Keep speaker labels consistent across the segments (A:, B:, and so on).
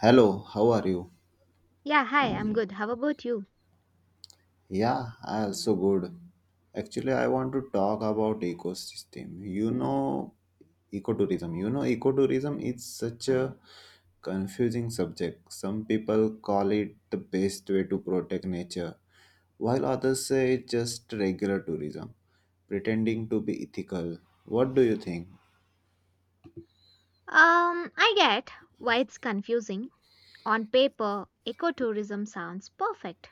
A: Hello, how are you?
B: Yeah, hi, I'm good. How about you?
A: Yeah, I also good. Actually, I want to talk about ecosystem. Ecotourism. Ecotourism is such a confusing subject. Some people call it the best way to protect nature, while others say it's just regular tourism, pretending to be ethical. What do you think?
B: I get why it's confusing. On paper, ecotourism sounds perfect.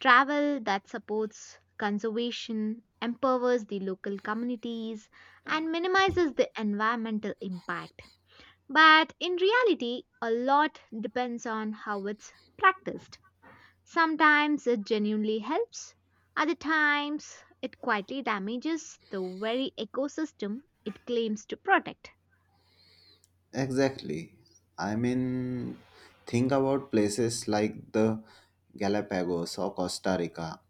B: Travel that supports conservation, empowers the local communities, and minimizes the environmental impact. But in reality, a lot depends on how it's practiced. Sometimes it genuinely helps, other times, it quietly damages the very ecosystem it claims to protect.
A: Exactly. I mean, think about places like the Galapagos or Costa Rica.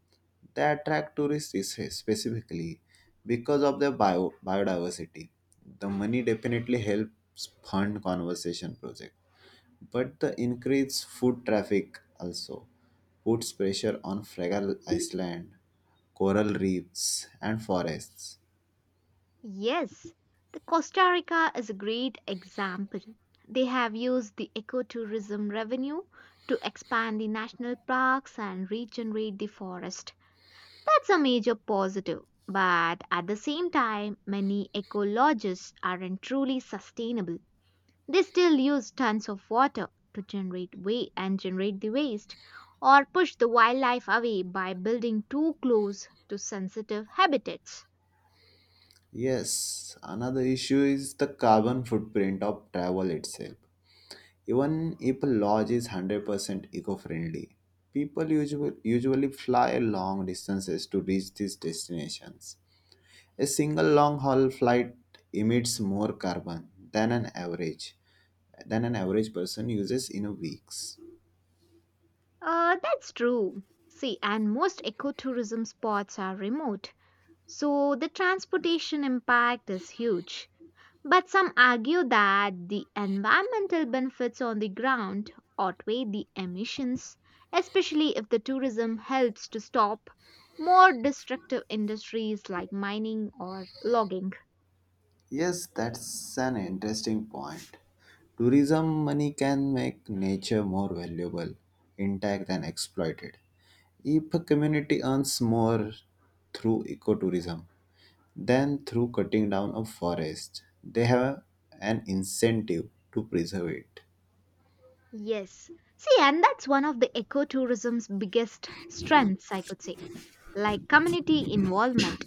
A: They attract specifically because of their biodiversity. The money definitely helps fund conservation project, but the increased food traffic also puts pressure on fragile island, coral reefs, and forests.
B: Yes, the Costa Rica is a great example. They have used the ecotourism revenue to expand the national parks and regenerate the forest. That's a major positive. But at the same time, many ecologists aren't truly sustainable. They still use tons of water to generate waste and generate the waste or push the wildlife away by building too close to sensitive habitats.
A: Yes, another issue is the carbon footprint of travel itself. Even if a lodge is 100% eco-friendly, people usually fly long distances to reach these destinations. A single long-haul flight emits more carbon than an average person uses in a weeks.
B: That's true. See, and most ecotourism spots are remote, so the transportation impact is huge. But some argue that the environmental benefits on the ground outweigh the emissions, especially if the tourism helps to stop more destructive industries like mining or logging.
A: Yes, that's an interesting point. Tourism money can make nature more valuable, intact, and exploited. If a community earns more through ecotourism than through cutting down a forest, they have an incentive to preserve it.
B: Yes. See, and that's one of the ecotourism's biggest strengths, I could say, like community involvement.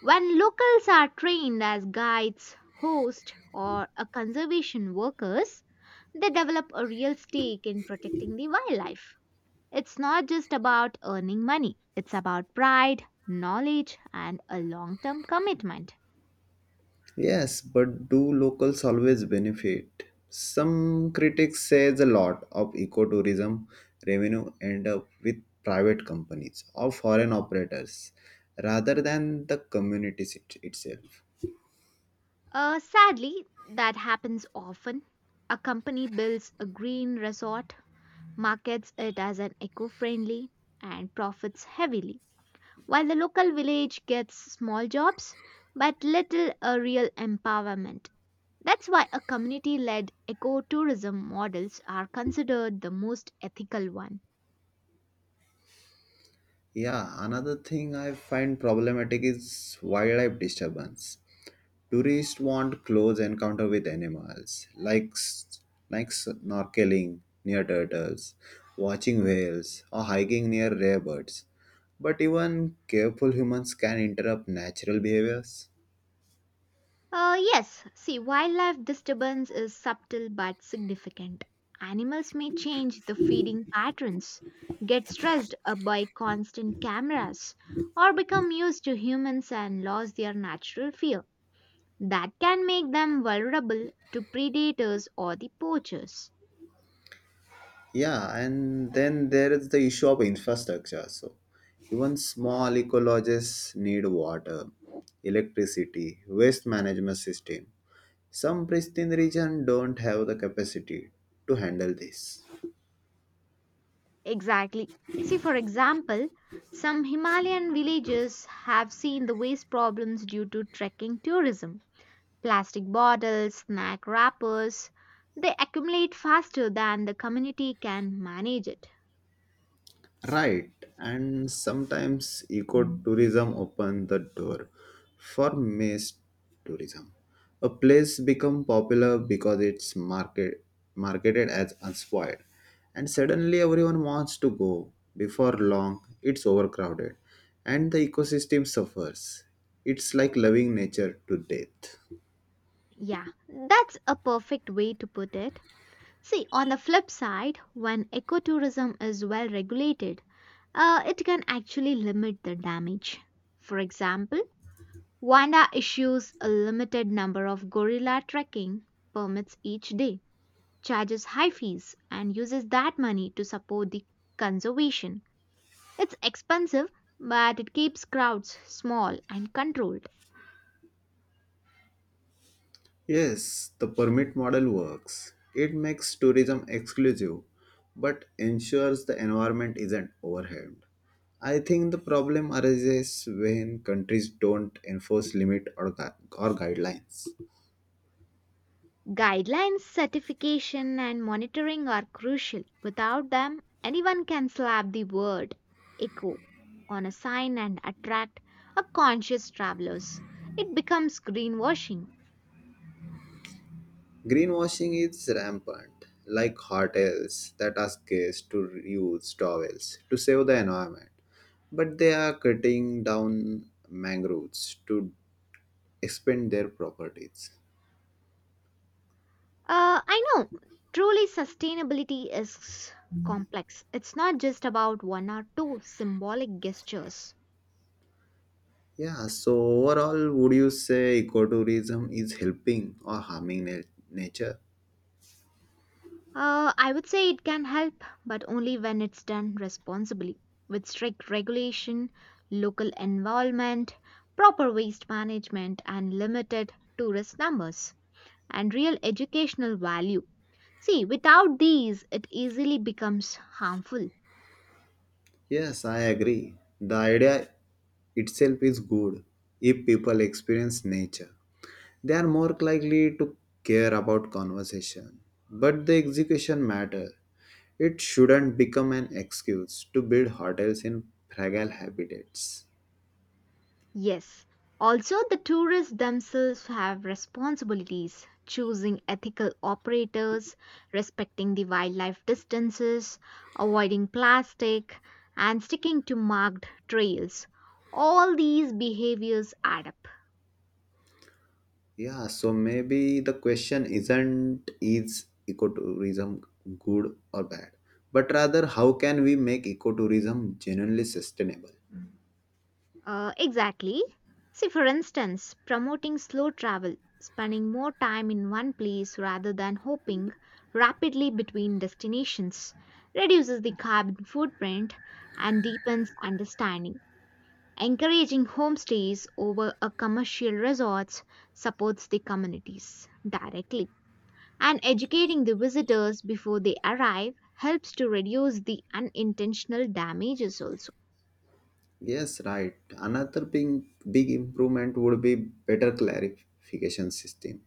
B: When locals are trained as guides, hosts, or a conservation workers, they develop a real stake in protecting the wildlife. It's not just about earning money, it's about pride, knowledge, and a long term commitment.
A: Yes, but do locals always benefit? Some critics say a lot of ecotourism revenue end up with private companies or foreign operators rather than the itself.
B: Sadly, that happens often. A company builds a green resort, markets it as an eco friendly, and profits heavily, while the local village gets small jobs but little a real empowerment. That's why a community led ecotourism models are considered the most ethical one.
A: Yeah, another thing I find problematic is wildlife disturbance. Tourists want close encounter with animals, like snorkeling near turtles, watching whales, or hiking near rare birds. But even careful humans can interrupt natural behaviors.
B: Yes, see, wildlife disturbance is subtle but significant. Animals may change the feeding patterns, get stressed by constant cameras, or become used to humans and lose their natural fear. That can make them vulnerable to predators or the poachers.
A: Yeah, and then there is the issue of infrastructure. So, even small ecologists need water, electricity, waste management system. Some pristine regions don't have the capacity to handle this.
B: Exactly. See, for example, some Himalayan villages have seen the waste problems due to trekking tourism. Plastic bottles, snack wrappers, they accumulate faster than the community can manage it.
A: Right, and sometimes ecotourism open the door for mass tourism. A place become popular because it's market marketed as unspoiled, and suddenly everyone wants to go. Before long, it's overcrowded, and the ecosystem suffers. It's like loving nature to death.
B: Yeah, that's a perfect way to put it. See, on the flip side, when ecotourism is well regulated, it can actually limit the damage. For example, WANDA issues a limited number of gorilla trekking permits each day, charges high fees, and uses that money to support the conservation. It's expensive, but it keeps crowds small and controlled.
A: Yes, the permit model works. It makes tourism exclusive but ensures the environment isn't overwhelmed. I think the problem arises when countries don't enforce or guidelines.
B: Guidelines, certification, and monitoring are crucial. Without them, anyone can slap the word eco on a sign and attract a conscious travelers. It becomes greenwashing.
A: Greenwashing is rampant, like hotels that ask guests to reuse towels to save the environment, but they are cutting down mangroves to expand their properties.
B: I know, truly sustainability is complex. It's not just about one or two symbolic gestures.
A: Yeah, so overall, would you say ecotourism is helping or harming nature?
B: I would say it can help, but only when it's done responsibly, with strict regulation, local involvement, proper waste management, and limited tourist numbers, and real educational value. See, without these, it easily becomes harmful.
A: Yes, I agree. The idea itself is good. If people experience nature, they are more likely to care about conversation. But the execution matter. It shouldn't become an excuse to build hotels in fragile habitats.
B: Yes, also the tourists themselves have responsibilities, choosing ethical operators, respecting the wildlife distances, avoiding plastic, and sticking to marked trails. All these behaviors add up.
A: Yeah, so maybe the question isn't is ecotourism good or bad, but rather how can we make ecotourism genuinely sustainable?
B: Exactly. See, for instance, promoting slow travel, spending more time in one place rather than hopping rapidly between destinations, reduces the carbon footprint and deepens understanding. Encouraging homestays over a commercial resorts supports the communities directly. And educating the visitors before they arrive helps to reduce the unintentional damages also.
A: Yes, right. Another big improvement would be better clarification system.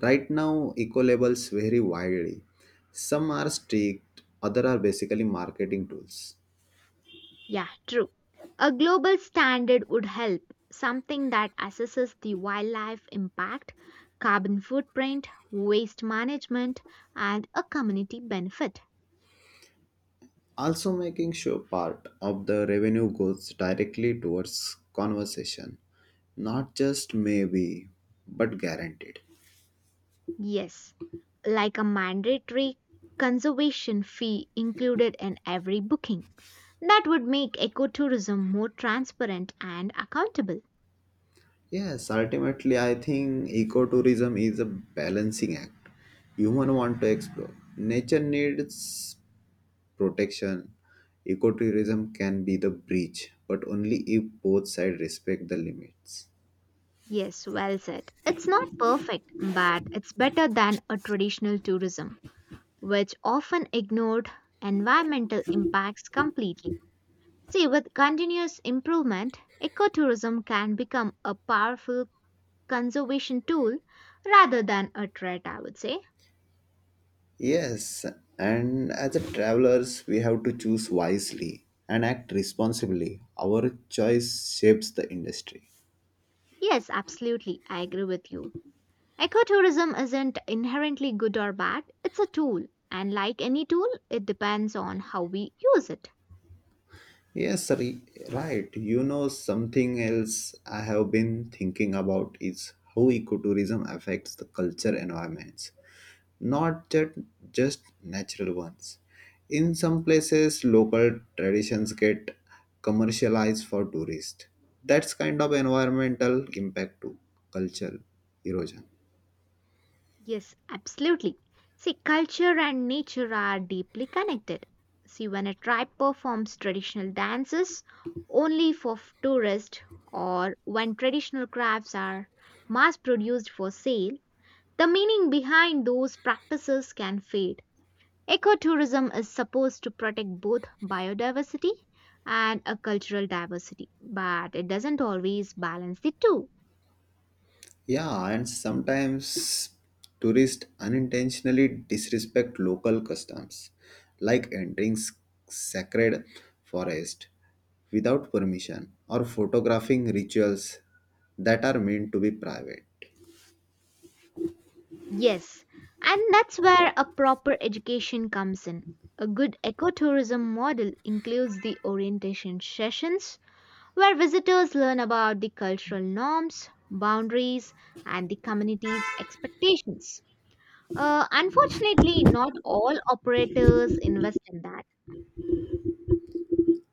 A: Right now, eco labels vary widely. Some are strict, other are basically marketing tools.
B: Yeah, true. A global standard would help, something that assesses the wildlife impact, carbon footprint, waste management, and a community benefit.
A: Also making sure part of the revenue goes directly towards conversation, not just maybe but guaranteed.
B: Yes, like a mandatory conservation fee included in every booking. That would make ecotourism more transparent and accountable.
A: Yes, ultimately I think ecotourism is a balancing act. Human want to explore nature needs protection. Ecotourism can be the bridge, but only if both sides respect the limits.
B: Yes, well said. It's not perfect, but it's better than a traditional tourism, which often ignored environmental impacts completely. See, with continuous improvement, ecotourism can become a powerful conservation tool rather than a threat, I would say.
A: Yes, and as a travelers, we have to choose wisely and act responsibly. Our choice shapes the industry.
B: Yes, absolutely, I agree with you. Ecotourism isn't inherently good or bad, it's a tool, and like any tool, it depends on how we use it.
A: Yes, right. Something else I have been thinking about is how ecotourism affects the culture environments, not just, just natural ones. In some places, local traditions get commercialized for tourists. That's kind of environmental impact to culture erosion.
B: Yes, absolutely. See, culture and nature are deeply connected. See, when a tribe performs traditional dances only for tourists or when traditional crafts are mass produced for sale, the meaning behind those practices can fade. Ecotourism is supposed to protect both biodiversity and a cultural diversity, but it doesn't always balance the two.
A: Yeah, and sometimes tourists unintentionally disrespect local customs, like sacred forest without permission or photographing rituals that are meant to be private.
B: Yes, and that's where a proper education comes in. A good ecotourism model includes the orientation sessions where visitors learn about the cultural norms, boundaries, and the community's expectations. Unfortunately, not all operators invest in that.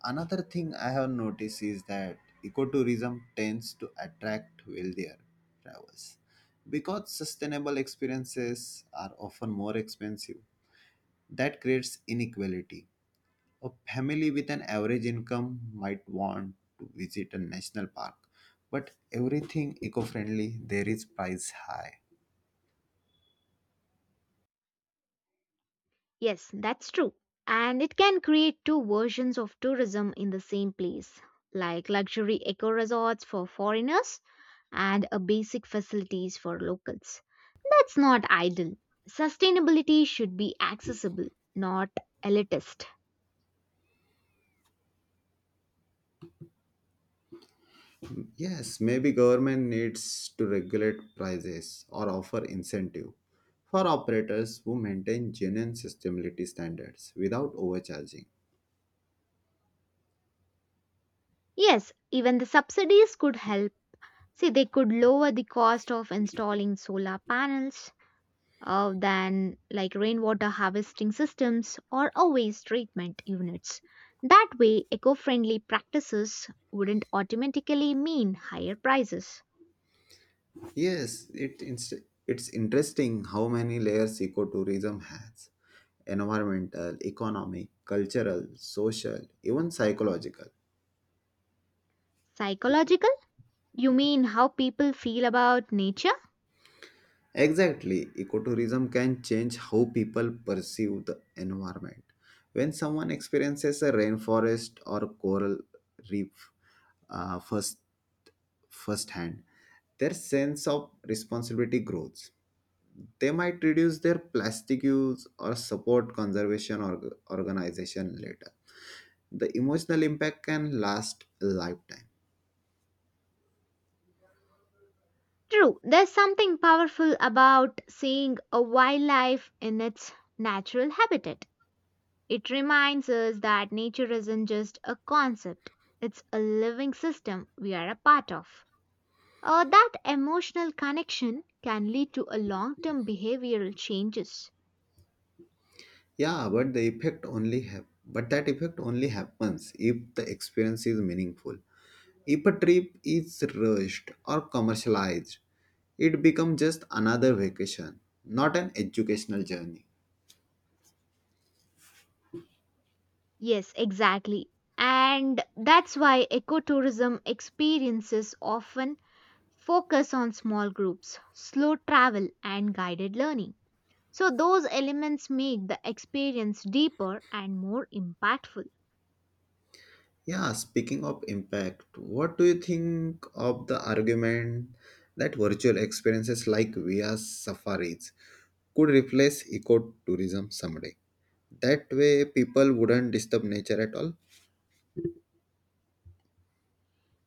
A: Another thing I have noticed is that ecotourism tends to attract wealthier travelers because sustainable experiences are often more expensive. That creates inequality. A family with an average income might want to visit a national park, but everything eco-friendly there is price high.
B: Yes, that's true. And it can create two versions of tourism in the same place, like luxury eco resorts for foreigners and a basic facilities for locals. That's not idle. Sustainability should be accessible, not elitist.
A: Yes, maybe government needs to regulate prices or offer incentive for operators who maintain genuine sustainability standards without overcharging.
B: Yes, even the subsidies could help. See, they could lower the cost of installing solar panels than like rainwater harvesting systems or a waste treatment units. That way, eco friendly practices wouldn't automatically mean higher prices.
A: Yes, it's interesting how many layers ecotourism has: environmental, economic, cultural, social, even psychological.
B: Psychological? You mean how people feel about nature?
A: Exactly. Ecotourism can change how people perceive the environment. When someone experiences a rainforest or coral reef, uh, first firsthand, their sense of responsibility grows. They might reduce their plastic use or support conservation organization later. The emotional impact can last a lifetime.
B: True, there's something powerful about seeing a wildlife in its natural habitat. It reminds us that nature isn't just a concept, it's a living system we are a part of. That emotional connection can lead to a long-term behavioral changes.
A: Yeah, but the effect only have but that effect only happens if the experience is meaningful. If a trip is rushed or commercialized, it becomes just another vacation, not an educational journey.
B: Yes, exactly. And that's why ecotourism experiences often focus on small groups, slow travel and guided learning. So those elements make the experience deeper and more impactful.
A: Yeah, speaking of impact, what do you think of the argument that virtual experiences like VR safaris could replace ecotourism someday? That way, people wouldn't disturb nature at all.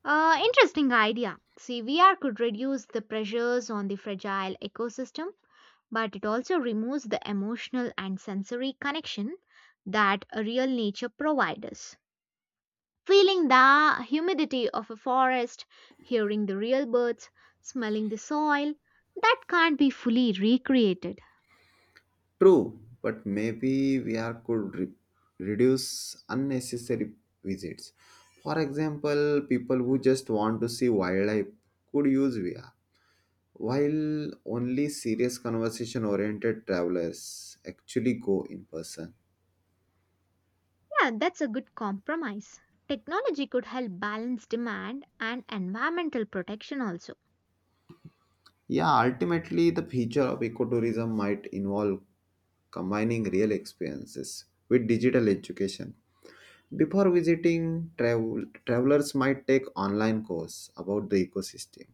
B: Interesting idea. See, VR could reduce the pressures on the fragile ecosystem, but it also removes the emotional and sensory connection that a real nature provides us. Feeling the humidity of a forest, hearing the real birds, smelling the soil, that can't be fully recreated.
A: True, but maybe we are could re- reduce unnecessary visits. For example, people who just want to see wildlife could use VR, while only serious conversation oriented travelers actually go in person.
B: Yeah, that's a good compromise. Technology could help balance demand and environmental protection also.
A: Yeah, ultimately, the future of ecotourism might involve combining real experiences with digital education. Before visiting, travelers might take online course about the ecosystem,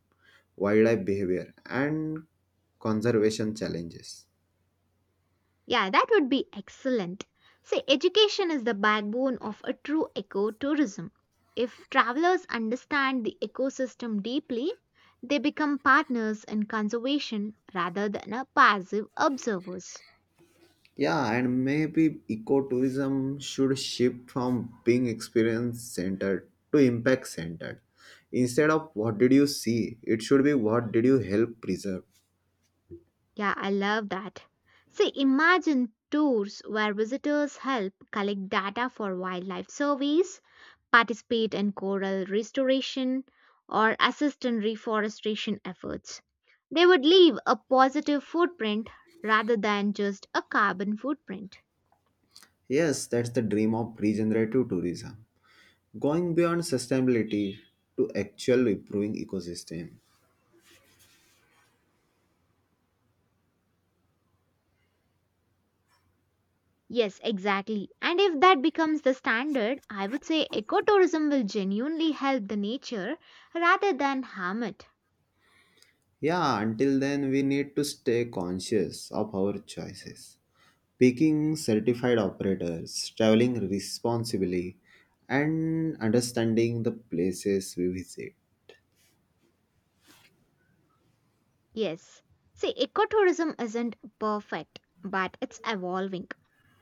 A: wildlife behavior, and conservation challenges.
B: Yeah, that would be excellent. See, education is the backbone of a true ecotourism. If travelers understand the ecosystem deeply, they become partners in conservation rather than a passive observers.
A: Yeah, and maybe ecotourism should shift from being experience centered to impact centered. Instead of what did you see, it should be what did you help preserve.
B: Yeah, I love that. See, imagine tours where visitors help collect data for wildlife surveys, participate in coral restoration, or assist in reforestation efforts. They would leave a positive footprint rather than just a carbon footprint.
A: Yes, that's the dream of regenerative tourism, going beyond sustainability to actual improving ecosystem.
B: Yes, exactly. And if that becomes the standard, I would say ecotourism will genuinely help the nature rather than harm it.
A: Yeah, until then, we need to stay conscious of our choices. Picking certified operators, traveling responsibly, and understanding the places we visit.
B: Yes. See, ecotourism isn't perfect, but it's evolving.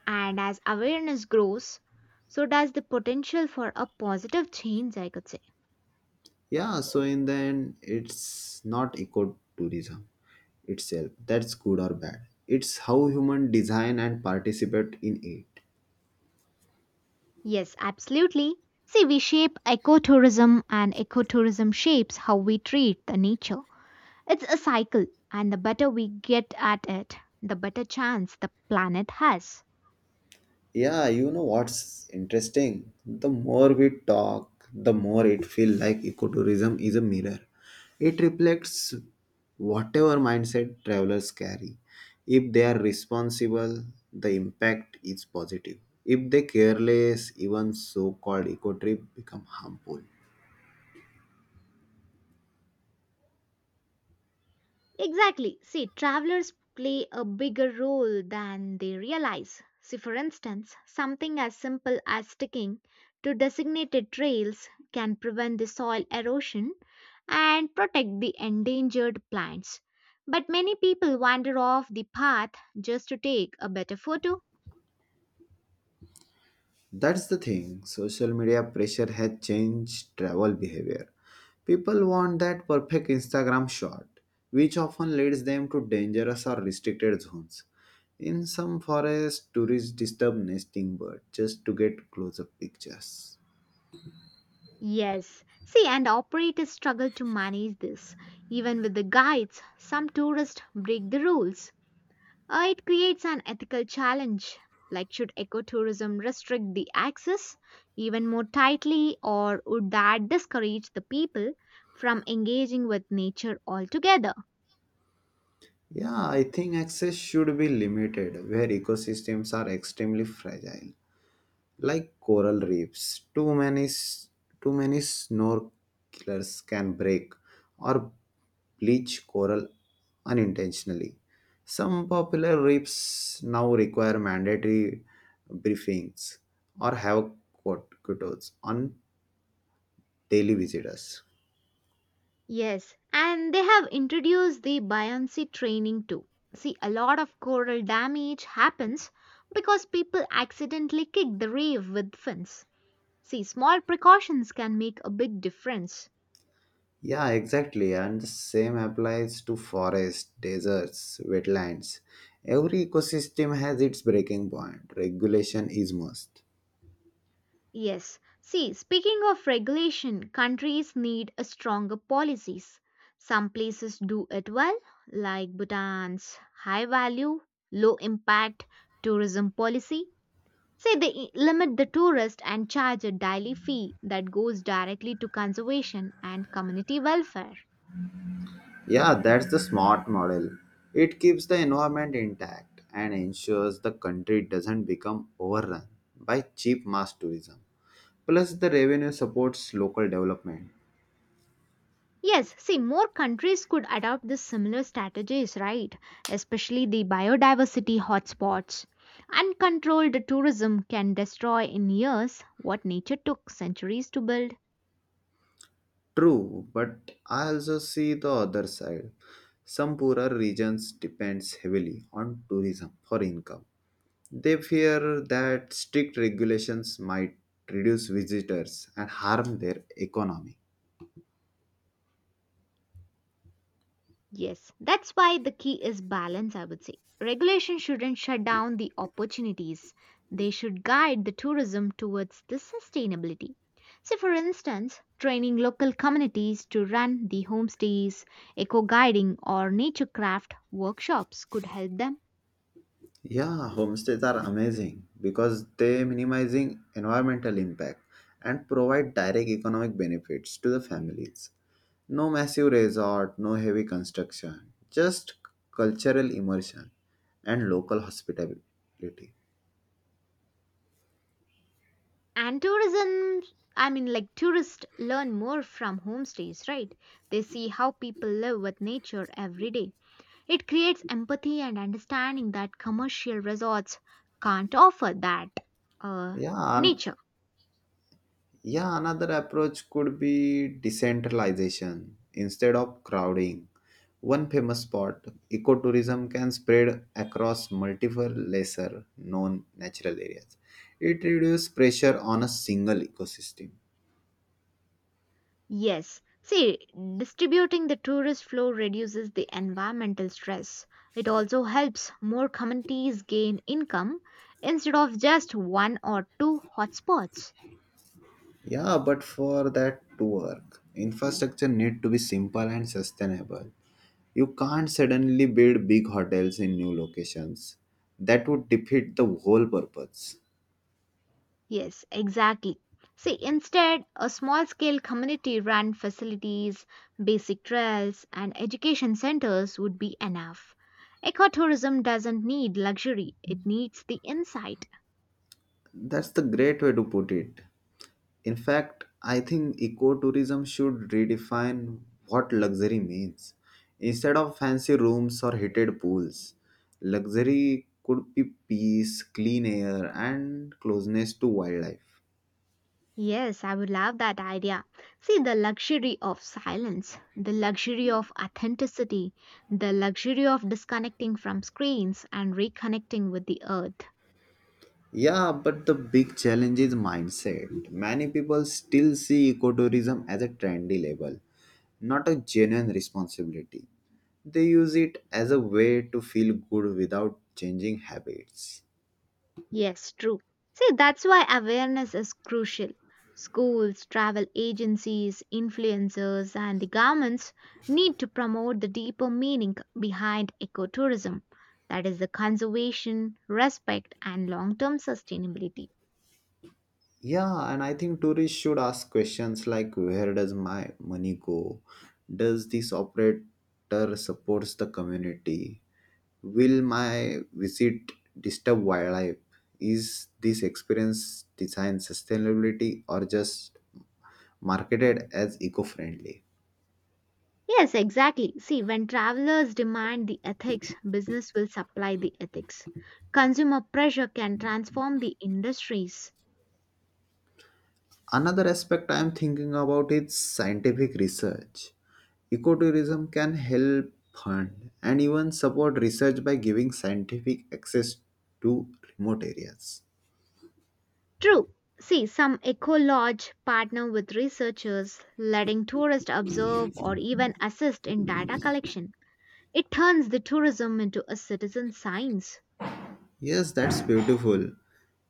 B: And as awareness grows, so does the potential for a positive change, I could say.
A: Yeah, so in the end, it's not ecotourism itself that's good or bad. It's how human design and participate in it.
B: Yes, absolutely. See, we shape ecotourism, and ecotourism shapes how we treat the nature. It's a cycle, and the better we get at it, the better chance the planet has.
A: Yeah, you know what's interesting? The more we talk, the more it feels like ecotourism is a mirror. It reflects whatever mindset travelers carry. If they are responsible, the impact is positive. If they careless, even so-called eco trip become harmful.
B: Exactly. See, travelers play a bigger role than they realize. See, for instance, something as simple as sticking to designated trails can prevent the soil erosion and protect the endangered plants. But many people wander off the path just to take a better photo.
A: That's the thing. Social media pressure has changed travel behavior. People want that perfect Instagram shot, which often leads them to dangerous or restricted zones. In some forests, tourists disturb nesting birds just to get close-up pictures.
B: Yes. See, and operators struggle to manage this. Even with the guides, some tourists break the rules. It creates an ethical challenge, like should ecotourism restrict the access even more tightly, or would that discourage the people from engaging with nature altogether?
A: Yeah, I think access should be limited where ecosystems are extremely fragile, like coral reefs. too many s- too many snorkelers can break or bleach coral unintentionally. Some popular reefs now require mandatory briefings or have quotas on daily visitors.
B: Yes, and they have introduced the buoyancy training too. See, a lot of coral damage happens because people accidentally kick the reef with fins. See, small precautions can make a big difference.
A: Yeah, exactly, and the same applies to forests, deserts, wetlands. Every ecosystem has its breaking point. Regulation is must.
B: Yes. See, speaking of regulation, countries need a stronger policies. Some places do it well, like Bhutan's high value, low impact tourism policy. Say they limit the tourist and charge a daily fee that goes directly to conservation and community welfare.
A: Yeah, that's the smart model. It keeps the environment intact and ensures the country doesn't become overrun by cheap mass tourism. Plus, the revenue supports local development.
B: Yes, see, more countries could adopt these similar strategies, right? Especially the biodiversity hotspots. Uncontrolled tourism can destroy in years what nature took centuries to build.
A: True, but I also see the other side. Some poorer regions depends heavily on tourism for income. They fear that strict regulations might reduce visitors and harm their economy.
B: Yes, that's why the key is balance, I would say. Regulation shouldn't shut down the opportunities, they should guide the tourism towards the sustainability. So, for instance, training local communities to run the homestays, eco guiding, or nature craft workshops could help them.
A: Yeah, homestays are amazing because they minimizing environmental impact and provide direct economic benefits to the families. No massive resort, no heavy construction, just cultural immersion and local hospitality.
B: And tourism, I mean, like tourists learn more from homestays, right? They see how people live with nature every day. It creates empathy and understanding that commercial resorts can't offer that uh,
A: Yeah.
B: nature.
A: Yeah, another approach could be decentralization instead of crowding. One famous spot, ecotourism can spread across multiple lesser known natural areas. It reduces pressure on a single ecosystem.
B: Yes, see, distributing the tourist flow reduces the environmental stress. It also helps more communities gain income instead of just one or two hotspots.
A: Yeah, but for that to work, infrastructure need to be simple and sustainable. You can't suddenly build big hotels in new locations. That would defeat the whole purpose.
B: Yes, exactly. See, instead, a small scale community run facilities, basic trails, and education centers would be enough. Ecotourism doesn't need luxury, it needs the insight.
A: That's the great way to put it. In fact, I think ecotourism should redefine what luxury means. Instead of fancy rooms or heated pools, luxury could be peace, clean air, and closeness to wildlife.
B: Yes, I would love that idea. See, the luxury of silence, the luxury of authenticity, the luxury of disconnecting from screens and reconnecting with the earth.
A: Yeah, but the big challenge is mindset. Many people still see ecotourism as a trendy label, not a genuine responsibility. They use it as a way to feel good without changing habits.
B: Yes, true. See, that's why awareness is crucial. Schools, travel agencies, influencers, and the governments need to promote the deeper meaning behind ecotourism, that is, the conservation, respect, and long term sustainability.
A: Yeah, and I think tourists should ask questions like where does my money go? Does this operator supports the community? Will my visit disturb wildlife? Is this experience designed sustainability or just marketed as eco-friendly?
B: Yes, exactly. See, when travelers demand the ethics, business will supply the ethics. Consumer pressure can transform the industries.
A: Another aspect I am thinking about is scientific research. Ecotourism can help fund and even support research by giving scientific access to remote areas.
B: True. See, some eco lodge partner with researchers, letting tourists observe or even assist in data collection. It turns the tourism into a citizen science.
A: Yes, that's beautiful.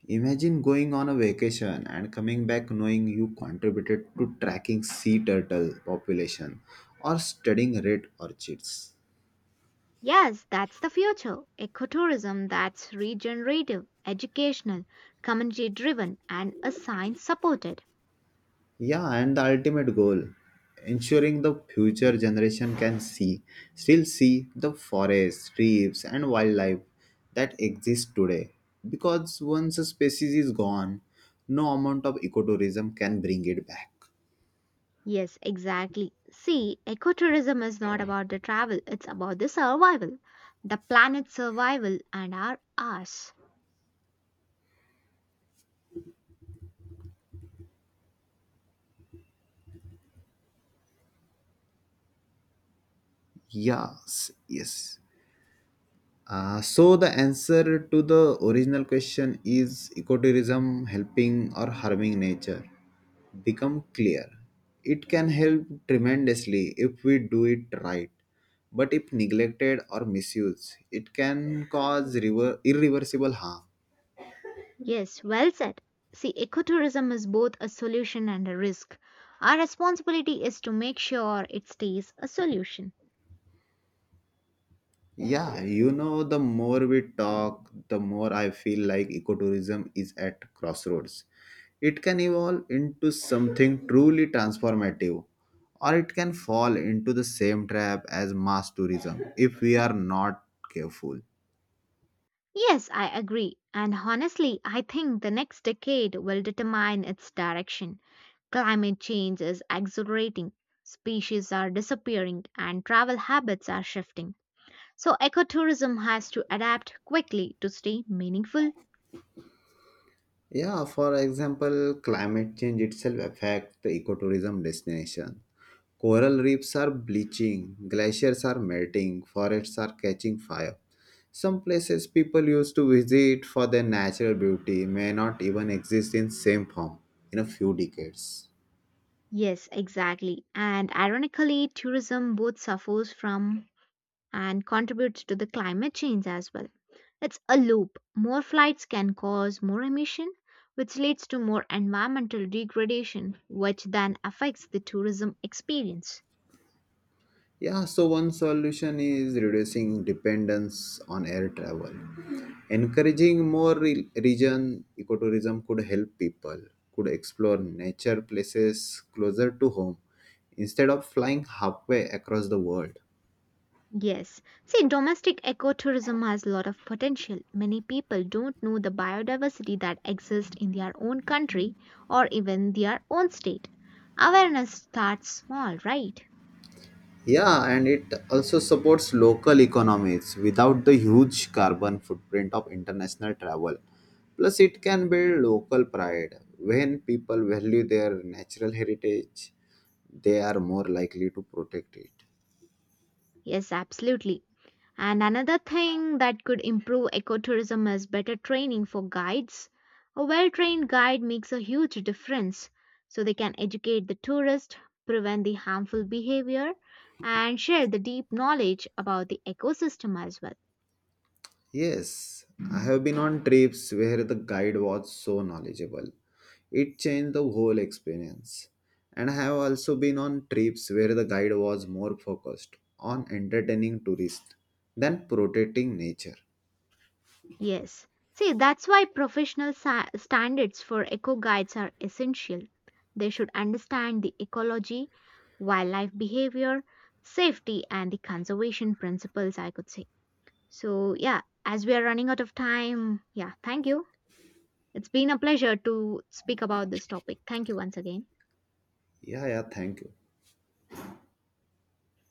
A: Imagine going on a vacation and coming back knowing you contributed to tracking sea turtle population or studying red orchids.
B: Yes, that's the future. Ecotourism that's regenerative, educational, community driven, and a science supported.
A: Yeah, and the ultimate goal, ensuring the future generation can still see the forests, reefs, and wildlife that exist today. Because once a species is gone, no amount of ecotourism can bring it back.
B: Yes, exactly. See, ecotourism is not about the travel, it's about the survival, the planet's survival, and our ours.
A: Yes, yes. So the answer to the original question, is ecotourism helping or harming nature, become clear. It can help tremendously if we do it right, but if neglected or misused, it can cause irreversible harm.
B: Yes, well said. See, ecotourism is both a solution and a risk. Our responsibility is to make sure it stays a solution.
A: Yeah, you know, the more we talk, the more I feel like ecotourism is at crossroads. It can evolve into something truly transformative, or it can fall into the same trap as mass tourism if we are not careful.
B: Yes, I agree. And honestly, I think the next decade will determine its direction. Climate change is accelerating, species are disappearing, and travel habits are shifting. So, ecotourism has to adapt quickly to stay meaningful.
A: Yeah, for example, climate change itself affects the ecotourism destination. Coral reefs are bleaching, glaciers are melting, forests are catching fire. Some places people used to visit for their natural beauty may not even exist in same form in a few decades.
B: Yes, exactly. And ironically, tourism both suffers from and contributes to the climate change as well. It's a loop. More flights can cause more emission, which leads to more environmental degradation, which then affects the tourism experience.
A: Yeah, so one solution is reducing dependence on air travel. Encouraging more region ecotourism could help people could explore nature places closer to home instead of flying halfway across the world.
B: Yes. See, domestic ecotourism has a lot of potential. Many people don't know the biodiversity that exists in their own country or even their own state. Awareness starts small, right?
A: Yeah, and it also supports local economies without the huge carbon footprint of international travel. Plus, it can build local pride. When people value their natural heritage, they are more likely to protect it.
B: Yes, absolutely. And another thing that could improve ecotourism is better training for guides. A well trained guide makes a huge difference. So they can educate the tourist, prevent the harmful behavior, and share the deep knowledge about the ecosystem as well.
A: Yes, I have been on trips where the guide was so knowledgeable. It changed the whole experience. And I have also been on trips where the guide was more focused on entertaining tourists than protecting nature.
B: Yes. See, that's why professional standards for eco guides are essential. They should understand the ecology, wildlife behavior, safety, and the conservation principles, I could say. So, yeah, as we are running out of time, yeah, thank you. It's been a pleasure to speak about this topic. Thank you once again.
A: Yeah, thank you.